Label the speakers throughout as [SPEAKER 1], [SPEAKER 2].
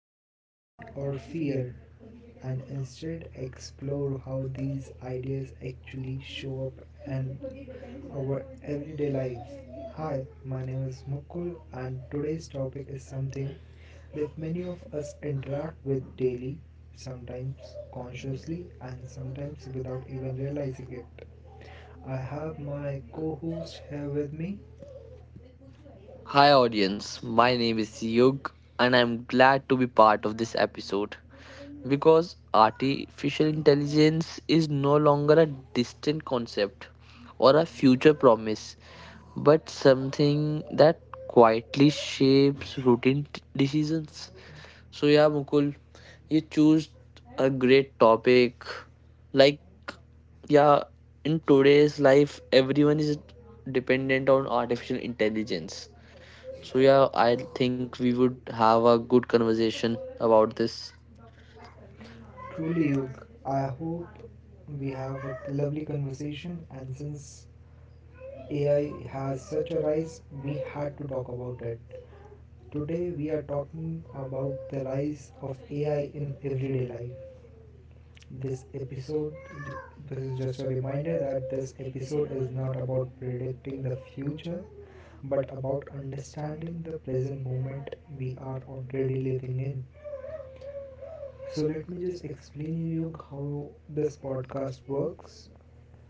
[SPEAKER 1] urgency, or fear, and instead explore how these ideas actually show up in our everyday life. Hi, my name is Mukul, and today's topic is something that many of us interact with daily, sometimes consciously, and sometimes without even realizing it. I have my co-host here with me.
[SPEAKER 2] Hi, audience. My name is Yug, and I'm glad to be part of this episode because artificial intelligence is no longer a distant concept or a future promise, but something that quietly shapes routine decisions. Mukul, you choose a great topic. Like, yeah, in today's life, everyone is dependent on artificial intelligence, so yeah, I think we would have a good conversation about this.
[SPEAKER 1] Truly, Yug, I hope we have a lovely conversation. And since AI has such a rise, we had to talk about it. Today, we are talking about the rise of AI in everyday life. This episode this is just a reminder that this episode is not about predicting the future, but about understanding the present moment we are already living in. So let me just explain you how this podcast works.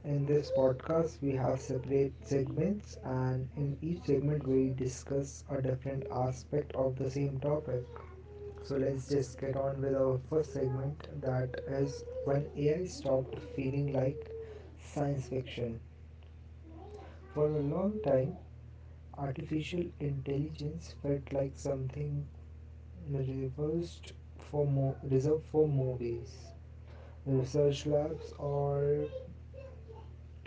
[SPEAKER 1] In this podcast, we have separate segments, and in each segment, we discuss a different aspect of the same topic. So let's just get on with our first segment, that is when AI stopped feeling like science fiction. For a long time, artificial intelligence felt like something reserved reserved for movies, research labs, or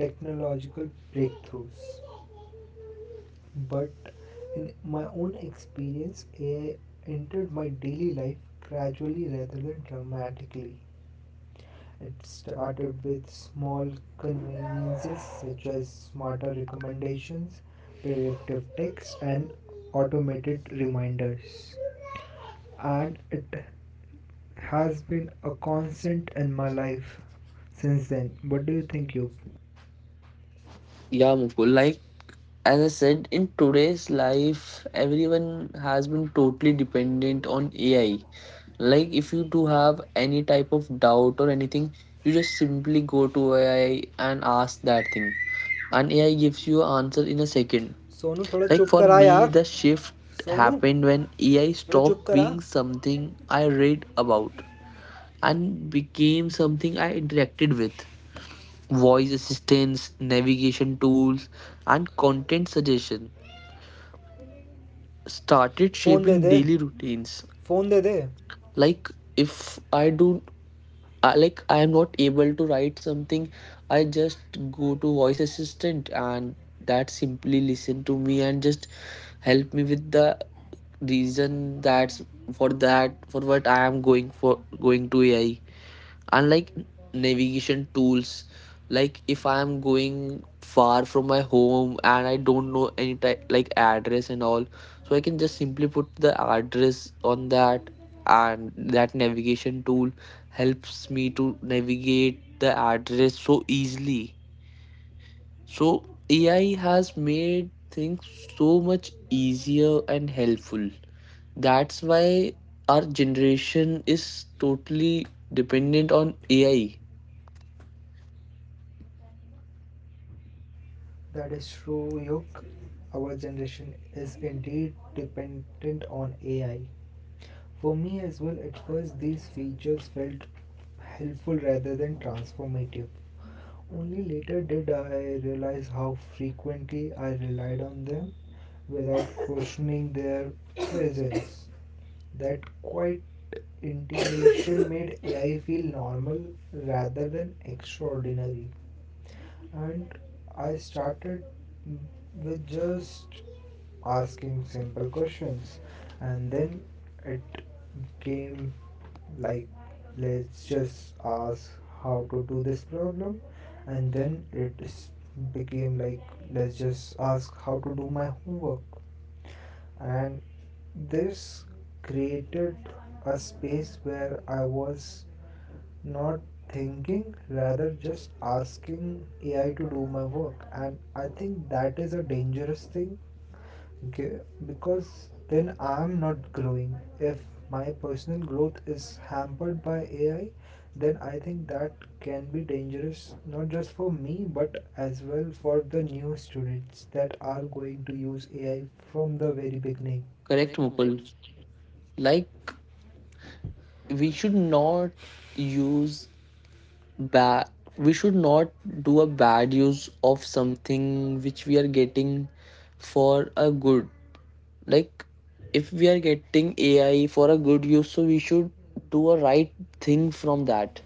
[SPEAKER 1] technological breakthroughs. But in my own experience, AI entered my daily life gradually rather than dramatically. It started with small conveniences such as smarter recommendations, predictive text, and automated reminders. And it has been a constant in my life since then. What do you think, you?
[SPEAKER 2] Yeah, Mukul, like as I said, in today's life, everyone has been totally dependent on AI. Like if you do have any type of doubt or anything, you just simply go to AI and ask that thing. And AI gives you an answer in a second.
[SPEAKER 1] Sonu, थोड़ा
[SPEAKER 2] Like
[SPEAKER 1] चुप
[SPEAKER 2] for
[SPEAKER 1] करा
[SPEAKER 2] me,
[SPEAKER 1] यार.
[SPEAKER 2] the shift
[SPEAKER 1] Sonu,
[SPEAKER 2] happened when AI
[SPEAKER 1] थोड़ा चुप
[SPEAKER 2] stopped
[SPEAKER 1] करा.
[SPEAKER 2] being something I read about and became something I interacted with. Voice assistance, navigation tools, and content suggestion started
[SPEAKER 1] Phone दे
[SPEAKER 2] shaping
[SPEAKER 1] दे.
[SPEAKER 2] daily routines.
[SPEAKER 1] Phone दे दे.
[SPEAKER 2] Like if I do I- like I am not able to write something, I just go to voice assistant and that simply listen to me and just help me with the reason that's for that for what I am going to AI, unlike navigation tools. Like if I am going far from my home and I don't know any type like address and all, so I can just simply put the address on that, and that navigation tool helps me to navigate the address so easily. So AI has made things so much easier and helpful. That's why our generation is totally dependent on AI.
[SPEAKER 1] That is true, true. Our generation is indeed dependent on AI. For me as well, at first these features felt helpful rather than transformative. Only later did I realize how frequently I relied on them without questioning their presence. That quite integration made AI feel normal rather than extraordinary. And I started with just asking simple questions, and then it came like, let's just ask how to do this problem, and then became like, let's just ask how to do my homework. And this created a space where I was not thinking, rather just asking AI to do my work, and I think that is a dangerous thing ge- because then I am not growing. If my personal growth is hampered by AI, then I think that can be dangerous, not just for me but as well for the new students that are going to use AI from the very beginning.
[SPEAKER 2] Correct, Mukul. Like we should not use bad. We should not do a bad use of something which we are getting for a good. Like if we are getting AI for a good use, so we should do a right thing from that.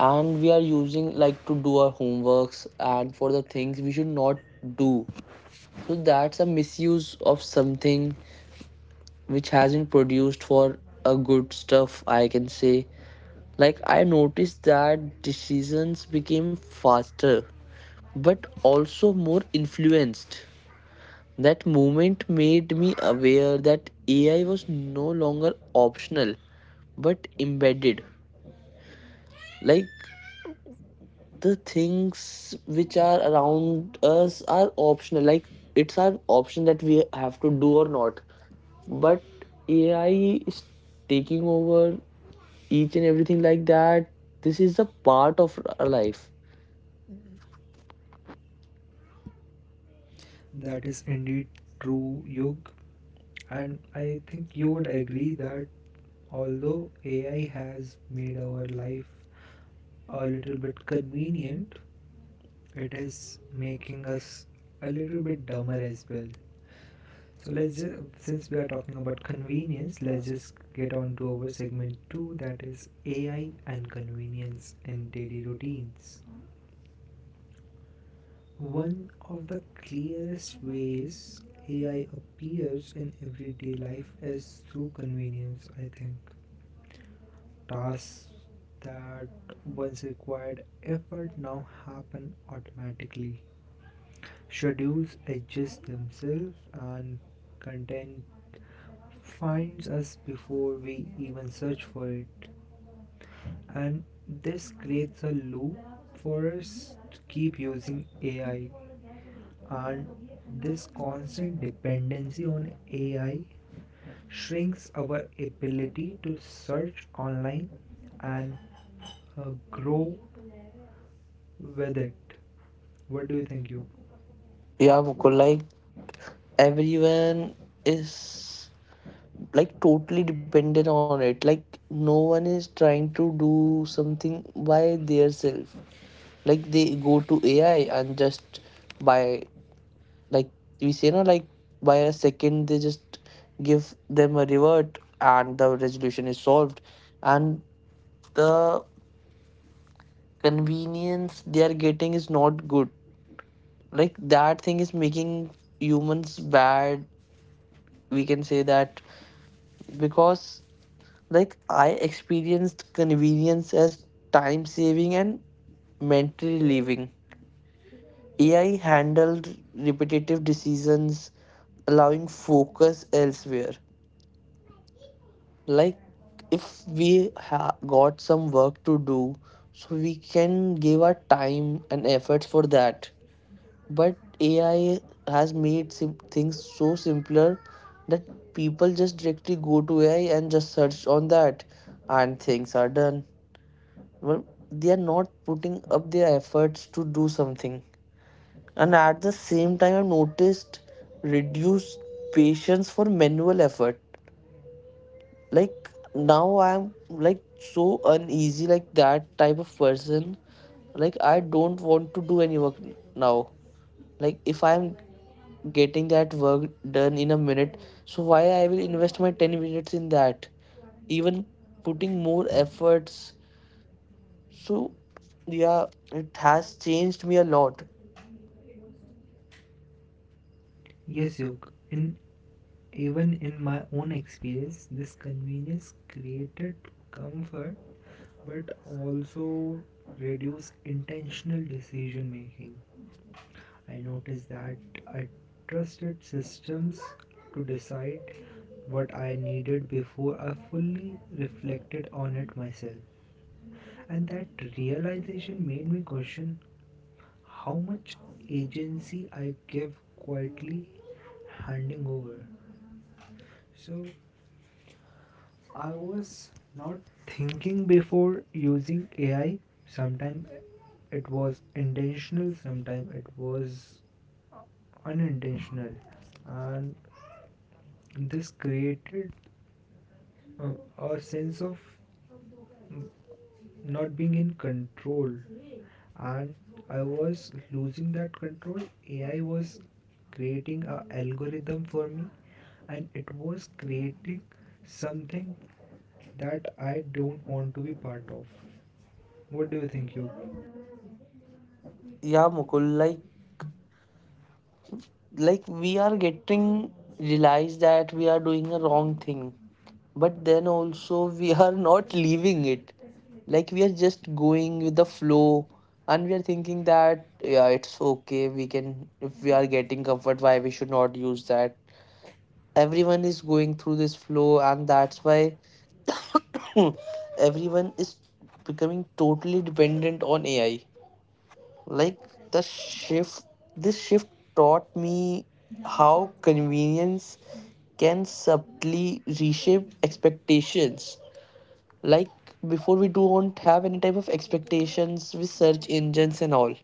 [SPEAKER 2] And we are using like to do our homeworks and for the things we should not do. So that's a misuse of something which hasn't produced for a good stuff, I can say. Like I noticed that decisions became faster but also more influenced. That moment made me aware that AI was no longer optional but embedded. Like the things which are around us are optional. Like it's our option that we have to do or not. But AI is taking over each and everything like that. This is a part of our life.
[SPEAKER 1] That is indeed true, Yug. And I think you would agree that although AI has made our life a little bit convenient, it is making us a little bit dumber as well. So let's just, since we are talking about convenience, let's just get on to our segment two, that is AI and convenience in daily routines. One of the clearest ways AI appears in everyday life is through convenience, I think. Tasks that once required effort now happen automatically. Schedules adjust themselves, and content finds us before we even search for it. And this creates a loop for us to keep using AI. And this constant dependency on AI shrinks our ability to search online and grow with it. What do you think, Yog?
[SPEAKER 2] Yeah, Mukul, like everyone is like totally dependent on it. Like no one is trying to do something by theirself. Like they go to AI and just, by like we say no, like by a second they just give them a revert and the resolution is solved. And the convenience they are getting is not good. Like that thing is making humans bad, we can say that. Because like I experienced convenience as time saving and mental relieving. AI handled repetitive decisions, allowing focus elsewhere. Like if we got some work to do, so we can give our time and efforts for that. But AI has made things so simpler that people just directly go to AI and just search on that, and things are done. Well, they are not putting up their efforts to do something. And at the same time, I've noticed reduced patience for manual effort. Like now, I'm like so uneasy, like that type of person. Like I don't want to do any work n- now Like if I'm getting that work done in a minute, so why I will invest my 10 minutes in that? Even putting more efforts. So yeah, it has changed me a lot.
[SPEAKER 1] Yes, Yog. In Even in my own experience, this convenience created comfort, but also reduce intentional decision making. I noticed that I trusted systems to decide what I needed before I fully reflected on it myself. And that realization made me question how much agency I give, quietly handing over. So I was not thinking before using AI. Sometimes it was intentional, sometimes it was unintentional. And this created uh, a sense of mm, not being in control, and I was losing that control. AI was creating a algorithm for me, and it was creating something that I don't want to be part of. What do you think, you?
[SPEAKER 2] Yeah, Mukul, like we are getting realized that we are doing a wrong thing, but then also we are not leaving it. Like we are just going with the flow and we are thinking that yeah, it's okay, we can, if we are getting comfort, why we should not use that. Everyone is going through this flow, and that's why everyone is becoming totally dependent on AI. Like the shift this shift taught me how convenience can subtly reshape expectations. Like before we don't have any type of expectations with search engines and all,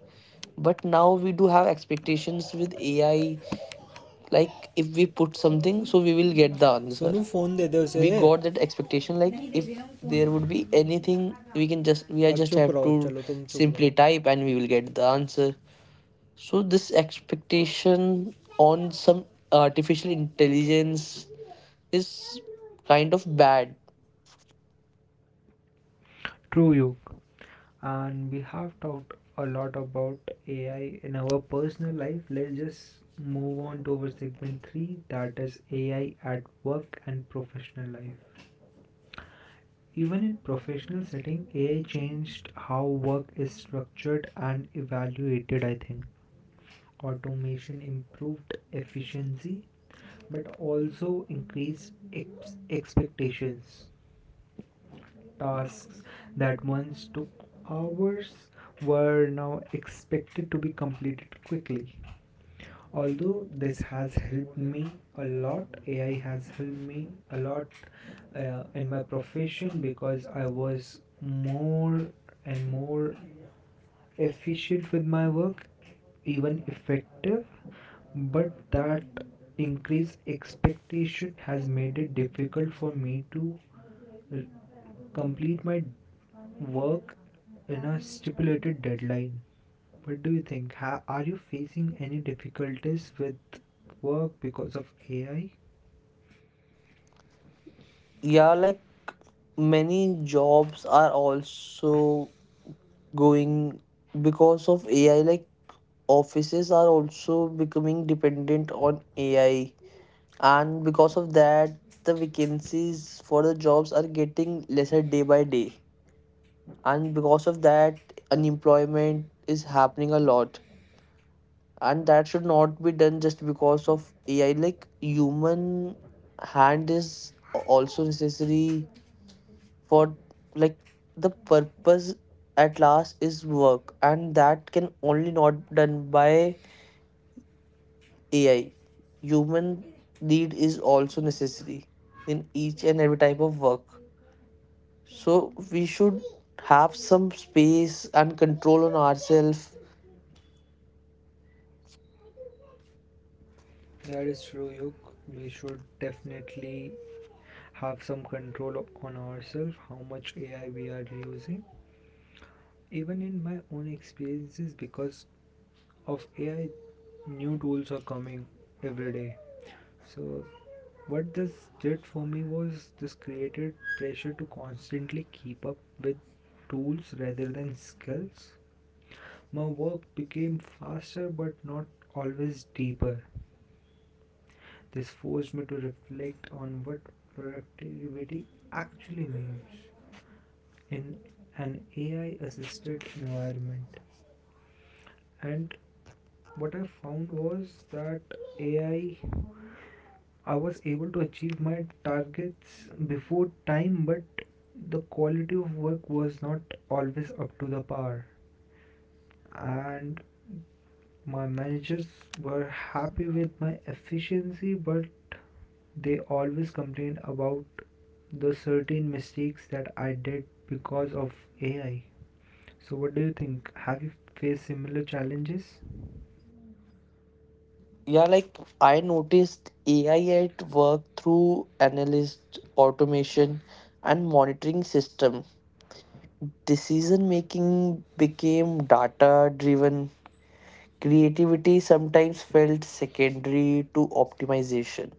[SPEAKER 2] but now we do have expectations with AI. Like if we put something, so we will get the answer.
[SPEAKER 1] Sonu phone दे दे उसे.
[SPEAKER 2] We got that expectation like if there would be anything, we can just we are
[SPEAKER 1] अब
[SPEAKER 2] just
[SPEAKER 1] चुप
[SPEAKER 2] have
[SPEAKER 1] रहो,
[SPEAKER 2] to
[SPEAKER 1] चलो तुम चुप रहो.
[SPEAKER 2] simply type and we will get the answer. So this expectation on some artificial intelligence is kind of bad.
[SPEAKER 1] True, you. And we have talked a lot about AI in our personal life. Let's just move on to our segment 3, that is AI at work and professional life. Even in professional setting, AI changed how work is structured and evaluated, I think. Automation improved efficiency, but also increased expectations. Tasks that once took hours were now expected to be completed quickly. Although this has helped me a lot, AI has helped me a lot in my profession, because I was more and more efficient with my work, even effective. But that increased expectation has made it difficult for me to complete my work in a stipulated deadline. What do you think? Are you facing any difficulties with work because of AI?
[SPEAKER 2] Yeah, like many jobs are also going because of AI. Like offices are also becoming dependent on AI, and because of that, the vacancies for the jobs are getting lesser day by day. And because of that, unemployment is happening a lot, and that should not be done just because of AI. Like human hand is also necessary for, like, the purpose at last is work, and that can only not be done by AI. Human need is also necessary in each and every type of work. So we should have some space and control on ourselves.
[SPEAKER 1] That is true, Yuk. We should definitely have some control on ourselves, how much AI we are using. Even in my own experiences, because of AI, new tools are coming every day. So, what this did for me was this created pressure to constantly keep up with tools rather than skills. My work became faster but not always deeper. This forced me to reflect on what productivity actually means in an AI assisted environment. And what I found was that AI I was able to achieve my targets before time, but the quality of work was not always up to the par. And my managers were happy with my efficiency, but they always complained about the certain mistakes that I did because of AI. So, what do you think? Have you faced similar challenges?
[SPEAKER 2] Yeah, like I noticed AI at work through analyst automation and monitoring system. Decision making became data driven. Creativity sometimes felt secondary to optimization.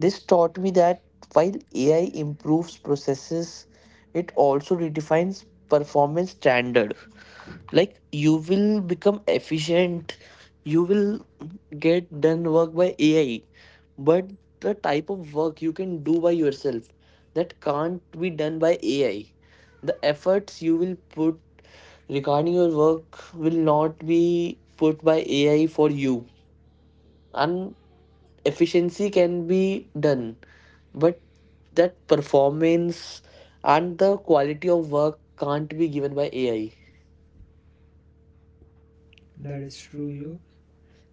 [SPEAKER 2] This taught me that while AI improves processes, it also redefines performance standard. Like you will become efficient, you will get done work by AI, but the type of work you can do by yourself, that can't be done by AI. The efforts you will put regarding your work will not be put by AI for you. And efficiency can be done, but that performance and the quality of work can't be given by AI.
[SPEAKER 1] That is true, you.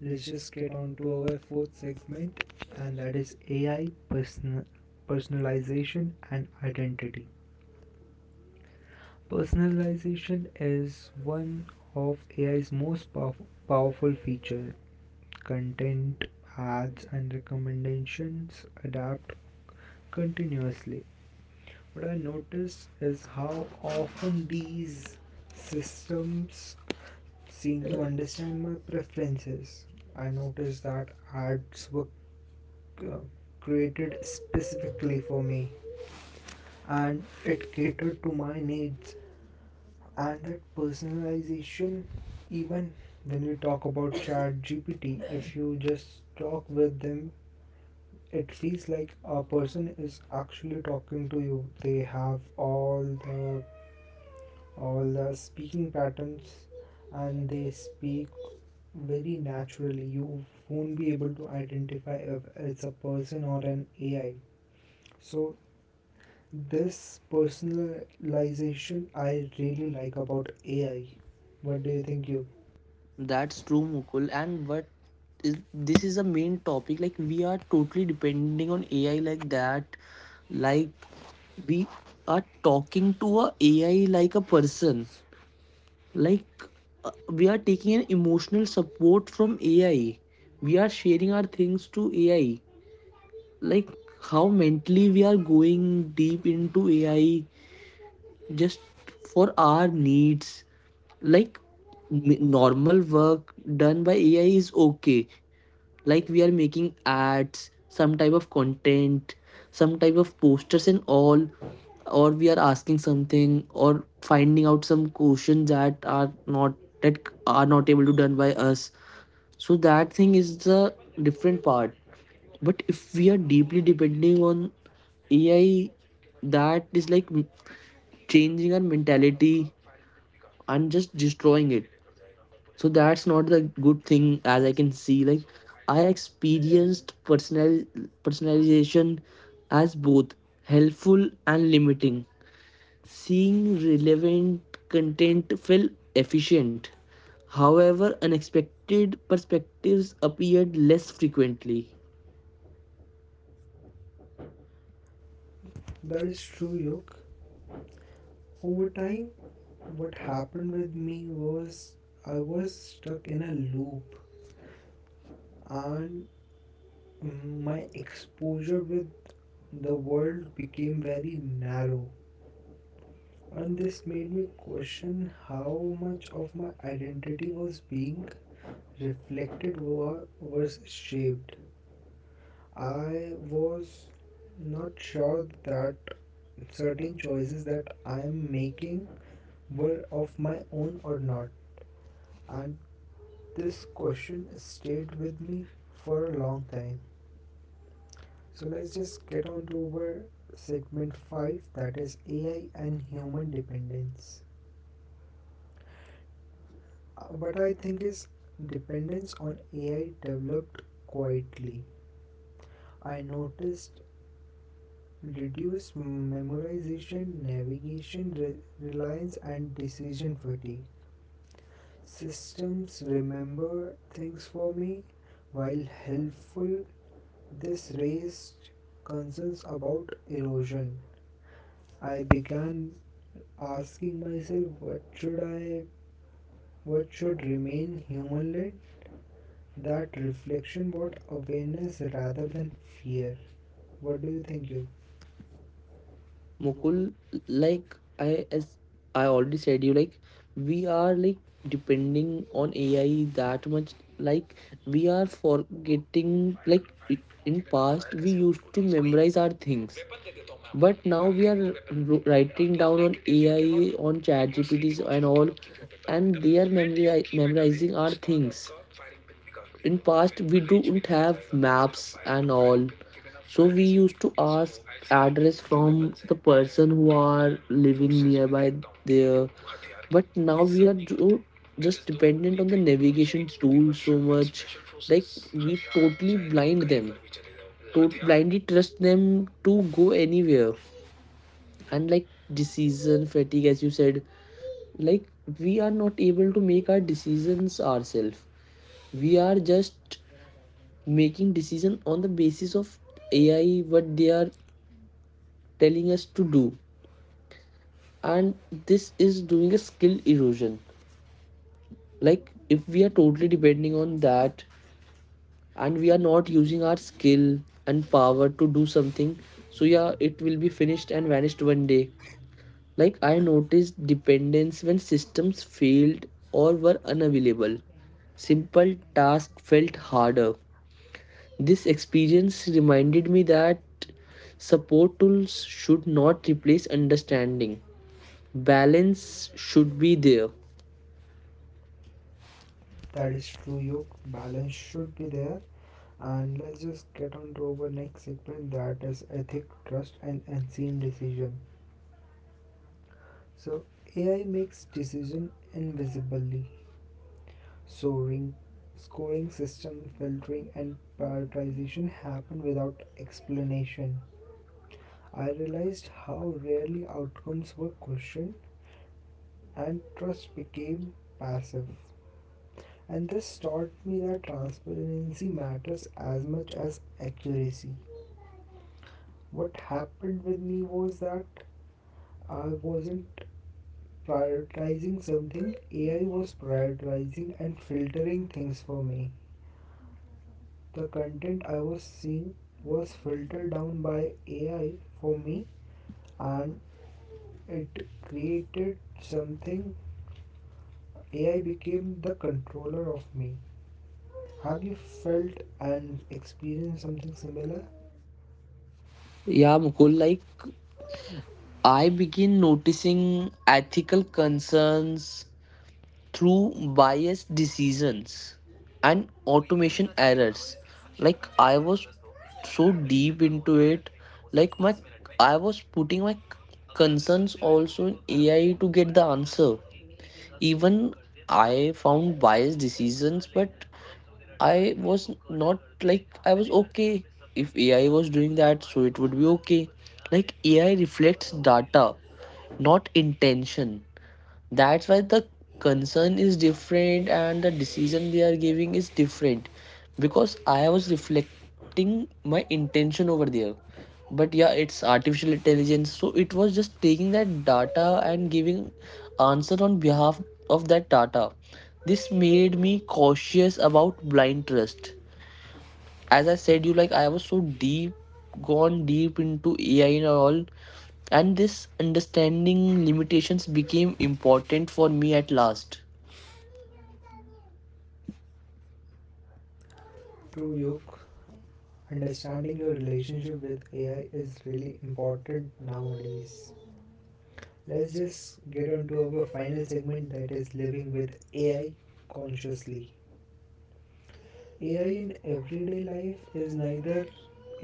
[SPEAKER 1] Let's just get on to our fourth segment, and that is personalization and identity. Personalization is one of AI's most powerful feature. Content, ads and recommendations adapt continuously. What I notice is how often these systems seem to understand my preferences. I noticed that ads were uh, created specifically for me and it catered to my needs. And that personalization, even when we talk about chat gpt if you just talk with them, it feels like a person is actually talking to you. They have all the speaking patterns and they speak very naturally. You won't be able to identify if it's a person or an AI. So this personalization I really like about AI. What do you think, you?
[SPEAKER 2] That's true, Mukul. And what is this, is a main topic. Like we are totally depending on AI like that. Like we are talking to a AI like a person. Like we are taking an emotional support from AI. We are sharing our things to AI. Like how mentally we are going deep into AI just for our needs. Like normal work done by AI is okay. Like we are making ads, some type of content, some type of posters and all, or we are asking something or finding out some questions that are not, that are not able to done by us. So that thing is the different part, but if we are deeply depending on AI, that is like changing our mentality and just destroying it. So that's not the good thing, as I can see. Like I experienced personalization as both helpful and limiting. Seeing relevant content felt efficient. However, unexpected perspectives appeared less frequently.
[SPEAKER 1] That is true, Yoke. Over time, what happened with me was I was stuck in a loop, and my exposure with the world became very narrow. And this made me question how much of my identity was being reflected versus shaped. I was not sure that certain choices that I am making were of my own or not. And this question stayed with me for a long time. So let's just get on to our segment 5, that is AI and human dependence. What I think is dependence on AI developed quietly. I noticed reduced memorization, navigation, reliance, and decision fatigue. Systems remember things for me. While helpful, this raised concerns about erosion. I began asking myself, what should remain human led. That reflection brought awareness rather than fear. What do you think, you?
[SPEAKER 2] Mukul, like I, as I already said you, like we are like depending on AI that much. Like we are forgetting
[SPEAKER 1] fire कर,
[SPEAKER 2] like,
[SPEAKER 1] firing
[SPEAKER 2] in
[SPEAKER 1] के बिना
[SPEAKER 2] past
[SPEAKER 1] fire
[SPEAKER 2] we
[SPEAKER 1] कैसे होगी
[SPEAKER 2] used to
[SPEAKER 1] गोली? कोई
[SPEAKER 2] memorize our things,
[SPEAKER 1] weapon दे देता हूँ मैं आपको.
[SPEAKER 2] but now
[SPEAKER 1] I will
[SPEAKER 2] we
[SPEAKER 1] give
[SPEAKER 2] are
[SPEAKER 1] you a weapon on
[SPEAKER 2] writing
[SPEAKER 1] those
[SPEAKER 2] down on
[SPEAKER 1] 90 days. You can
[SPEAKER 2] AI
[SPEAKER 1] not,
[SPEAKER 2] on
[SPEAKER 1] when
[SPEAKER 2] chat
[SPEAKER 1] you are sleeping
[SPEAKER 2] GPTs
[SPEAKER 1] also
[SPEAKER 2] and
[SPEAKER 1] you
[SPEAKER 2] all,
[SPEAKER 1] cannot keep your weapon away. The
[SPEAKER 2] and their
[SPEAKER 1] moment you keep it away,
[SPEAKER 2] memorizing our
[SPEAKER 1] ustad
[SPEAKER 2] things.
[SPEAKER 1] आपका firing pin निकाल
[SPEAKER 2] In
[SPEAKER 1] देगा और
[SPEAKER 2] past
[SPEAKER 1] फिर
[SPEAKER 2] we
[SPEAKER 1] range पे
[SPEAKER 2] don't
[SPEAKER 1] लेकर
[SPEAKER 2] have
[SPEAKER 1] जाएगा और बोलेगा
[SPEAKER 2] maps
[SPEAKER 1] fire
[SPEAKER 2] and
[SPEAKER 1] करो.
[SPEAKER 2] all,
[SPEAKER 1] Firing pin के बिना
[SPEAKER 2] so
[SPEAKER 1] fire
[SPEAKER 2] we
[SPEAKER 1] कैसे होगी
[SPEAKER 2] used to
[SPEAKER 1] गोली? So
[SPEAKER 2] ask
[SPEAKER 1] I see.
[SPEAKER 2] address
[SPEAKER 1] जो
[SPEAKER 2] from
[SPEAKER 1] weapons हैं,
[SPEAKER 2] the
[SPEAKER 1] मैं
[SPEAKER 2] person who
[SPEAKER 1] normal
[SPEAKER 2] are living
[SPEAKER 1] forces में
[SPEAKER 2] nearby
[SPEAKER 1] देखता हूँ कि
[SPEAKER 2] there.
[SPEAKER 1] लोग हथियार की
[SPEAKER 2] But now we
[SPEAKER 1] इज्जत
[SPEAKER 2] are
[SPEAKER 1] नहीं करते. It
[SPEAKER 2] just
[SPEAKER 1] is the
[SPEAKER 2] dependent
[SPEAKER 1] only
[SPEAKER 2] on the
[SPEAKER 1] thing which
[SPEAKER 2] navigation
[SPEAKER 1] needs to be
[SPEAKER 2] tool so
[SPEAKER 1] worship and
[SPEAKER 2] much.
[SPEAKER 1] Special
[SPEAKER 2] Like
[SPEAKER 1] forces.
[SPEAKER 2] we
[SPEAKER 1] हथियार,
[SPEAKER 2] totally
[SPEAKER 1] चाहे तुम
[SPEAKER 2] blind
[SPEAKER 1] कहीं
[SPEAKER 2] them
[SPEAKER 1] पर भी चले जाओ,
[SPEAKER 2] to
[SPEAKER 1] हथियार.
[SPEAKER 2] blindly trust them to go anywhere. And like decision fatigue, as you said, like we are not able to make our decisions ourselves. We are just making decision on the basis of AI, what they are telling us to do. And this is doing a skill erosion. Like if we are totally depending on that and we are not using our skill and power to do something, so yeah, it will be finished and vanished one day. Like I noticed dependence when systems failed or were unavailable. Simple tasks felt harder. This experience reminded me that support tools should not replace understanding. Balance should be there.
[SPEAKER 1] That is true, Yog. Balance should be there. And let's just get on to our next segment, that is ethic, trust, and unseen decision. So AI makes decision invisibly. So ring scoring system, filtering, and prioritization happen without explanation. I realized how rarely outcomes were questioned and trust became passive. And this taught me that transparency matters as much as accuracy. What happened with me was that I wasn't prioritizing something, AI was prioritizing and filtering things for me. The content I was seeing was filtered down by AI for me, and it created something. AI became the controller of me. Have you felt and experienced something similar?
[SPEAKER 2] Yeah, Mukul, like I begin noticing ethical concerns through biased decisions and automation errors. Like I was so deep into it, like my I was putting my concerns also in AI to get the answer. Even I found biased decisions, but I was not, like, I was okay. If AI was doing that, so it would be okay. Like AI reflects data, not intention. That's why the concern is different and the decision they are giving is different, because I was reflecting my intention over there. But yeah, it's artificial intelligence, so it was just taking that data and giving answer on behalf of that data. This made me cautious about blind trust. As I said you, like I was so deep gone deep into AI and all. And this understanding limitations became important for me at last.
[SPEAKER 1] True, Yuk. Understanding your relationship with AI is really important nowadays. Let's just get on to our final segment, that is living with AI consciously. AI in everyday life is neither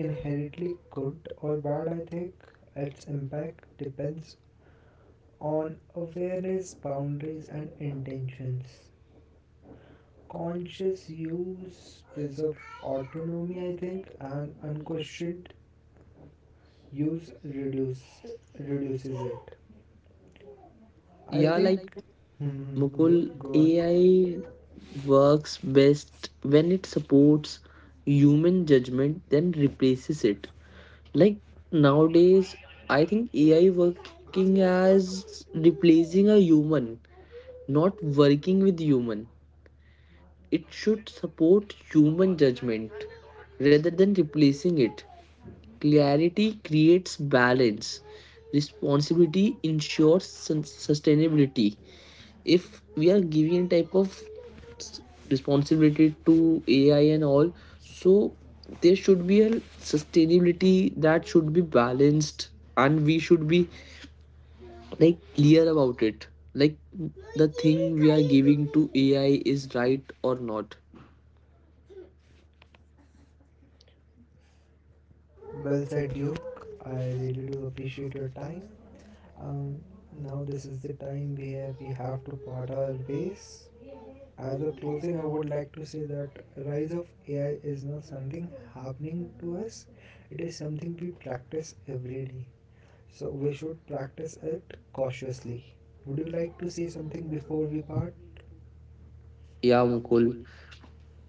[SPEAKER 1] inherently good or bad, I think. Its impact depends on awareness, boundaries, and intentions. Conscious use preserve autonomy, I think, and unquestioned use reduces it. I
[SPEAKER 2] Yeah,
[SPEAKER 1] think.
[SPEAKER 2] like,
[SPEAKER 1] Hmm, hmm.
[SPEAKER 2] Mukul,
[SPEAKER 1] You go on.
[SPEAKER 2] AI works best when it supports human judgment then replaces it. Like nowadays I think AI working as replacing a human, not working with human. It should support human judgment rather than replacing it. Clarity creates balance, responsibility ensures sustainability. If we are giving a type of s- responsibility to AI and all, so there should be a sustainability that should be balanced, and we should be like clear about it. Like the thing we are giving to AI is right or not.
[SPEAKER 1] Well said, Yoke. I really do appreciate your time. Um, Now this is the time where we have to part our ways. As a closing, I would like to say that rise of AI is not something happening to us. It is something we practice every day. So we should practice it cautiously. Would you like to say something before we part?
[SPEAKER 2] Yeah, Mukul.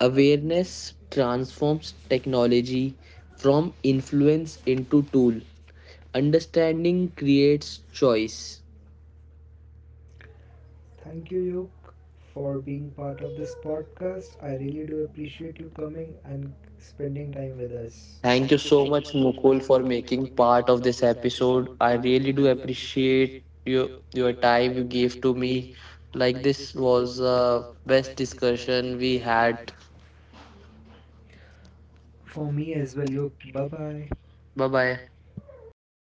[SPEAKER 2] Awareness transforms technology from influence into tool. Understanding creates choice.
[SPEAKER 1] Thank you, Yoke, for being part of this podcast. I really do appreciate you coming and spending time with us.
[SPEAKER 2] Thank you so much, Mukul, for making part of this episode. I really do appreciate your time you gave to me. Like this was the best discussion we had.
[SPEAKER 1] For me as well, Yoke. Bye bye.
[SPEAKER 2] Bye bye.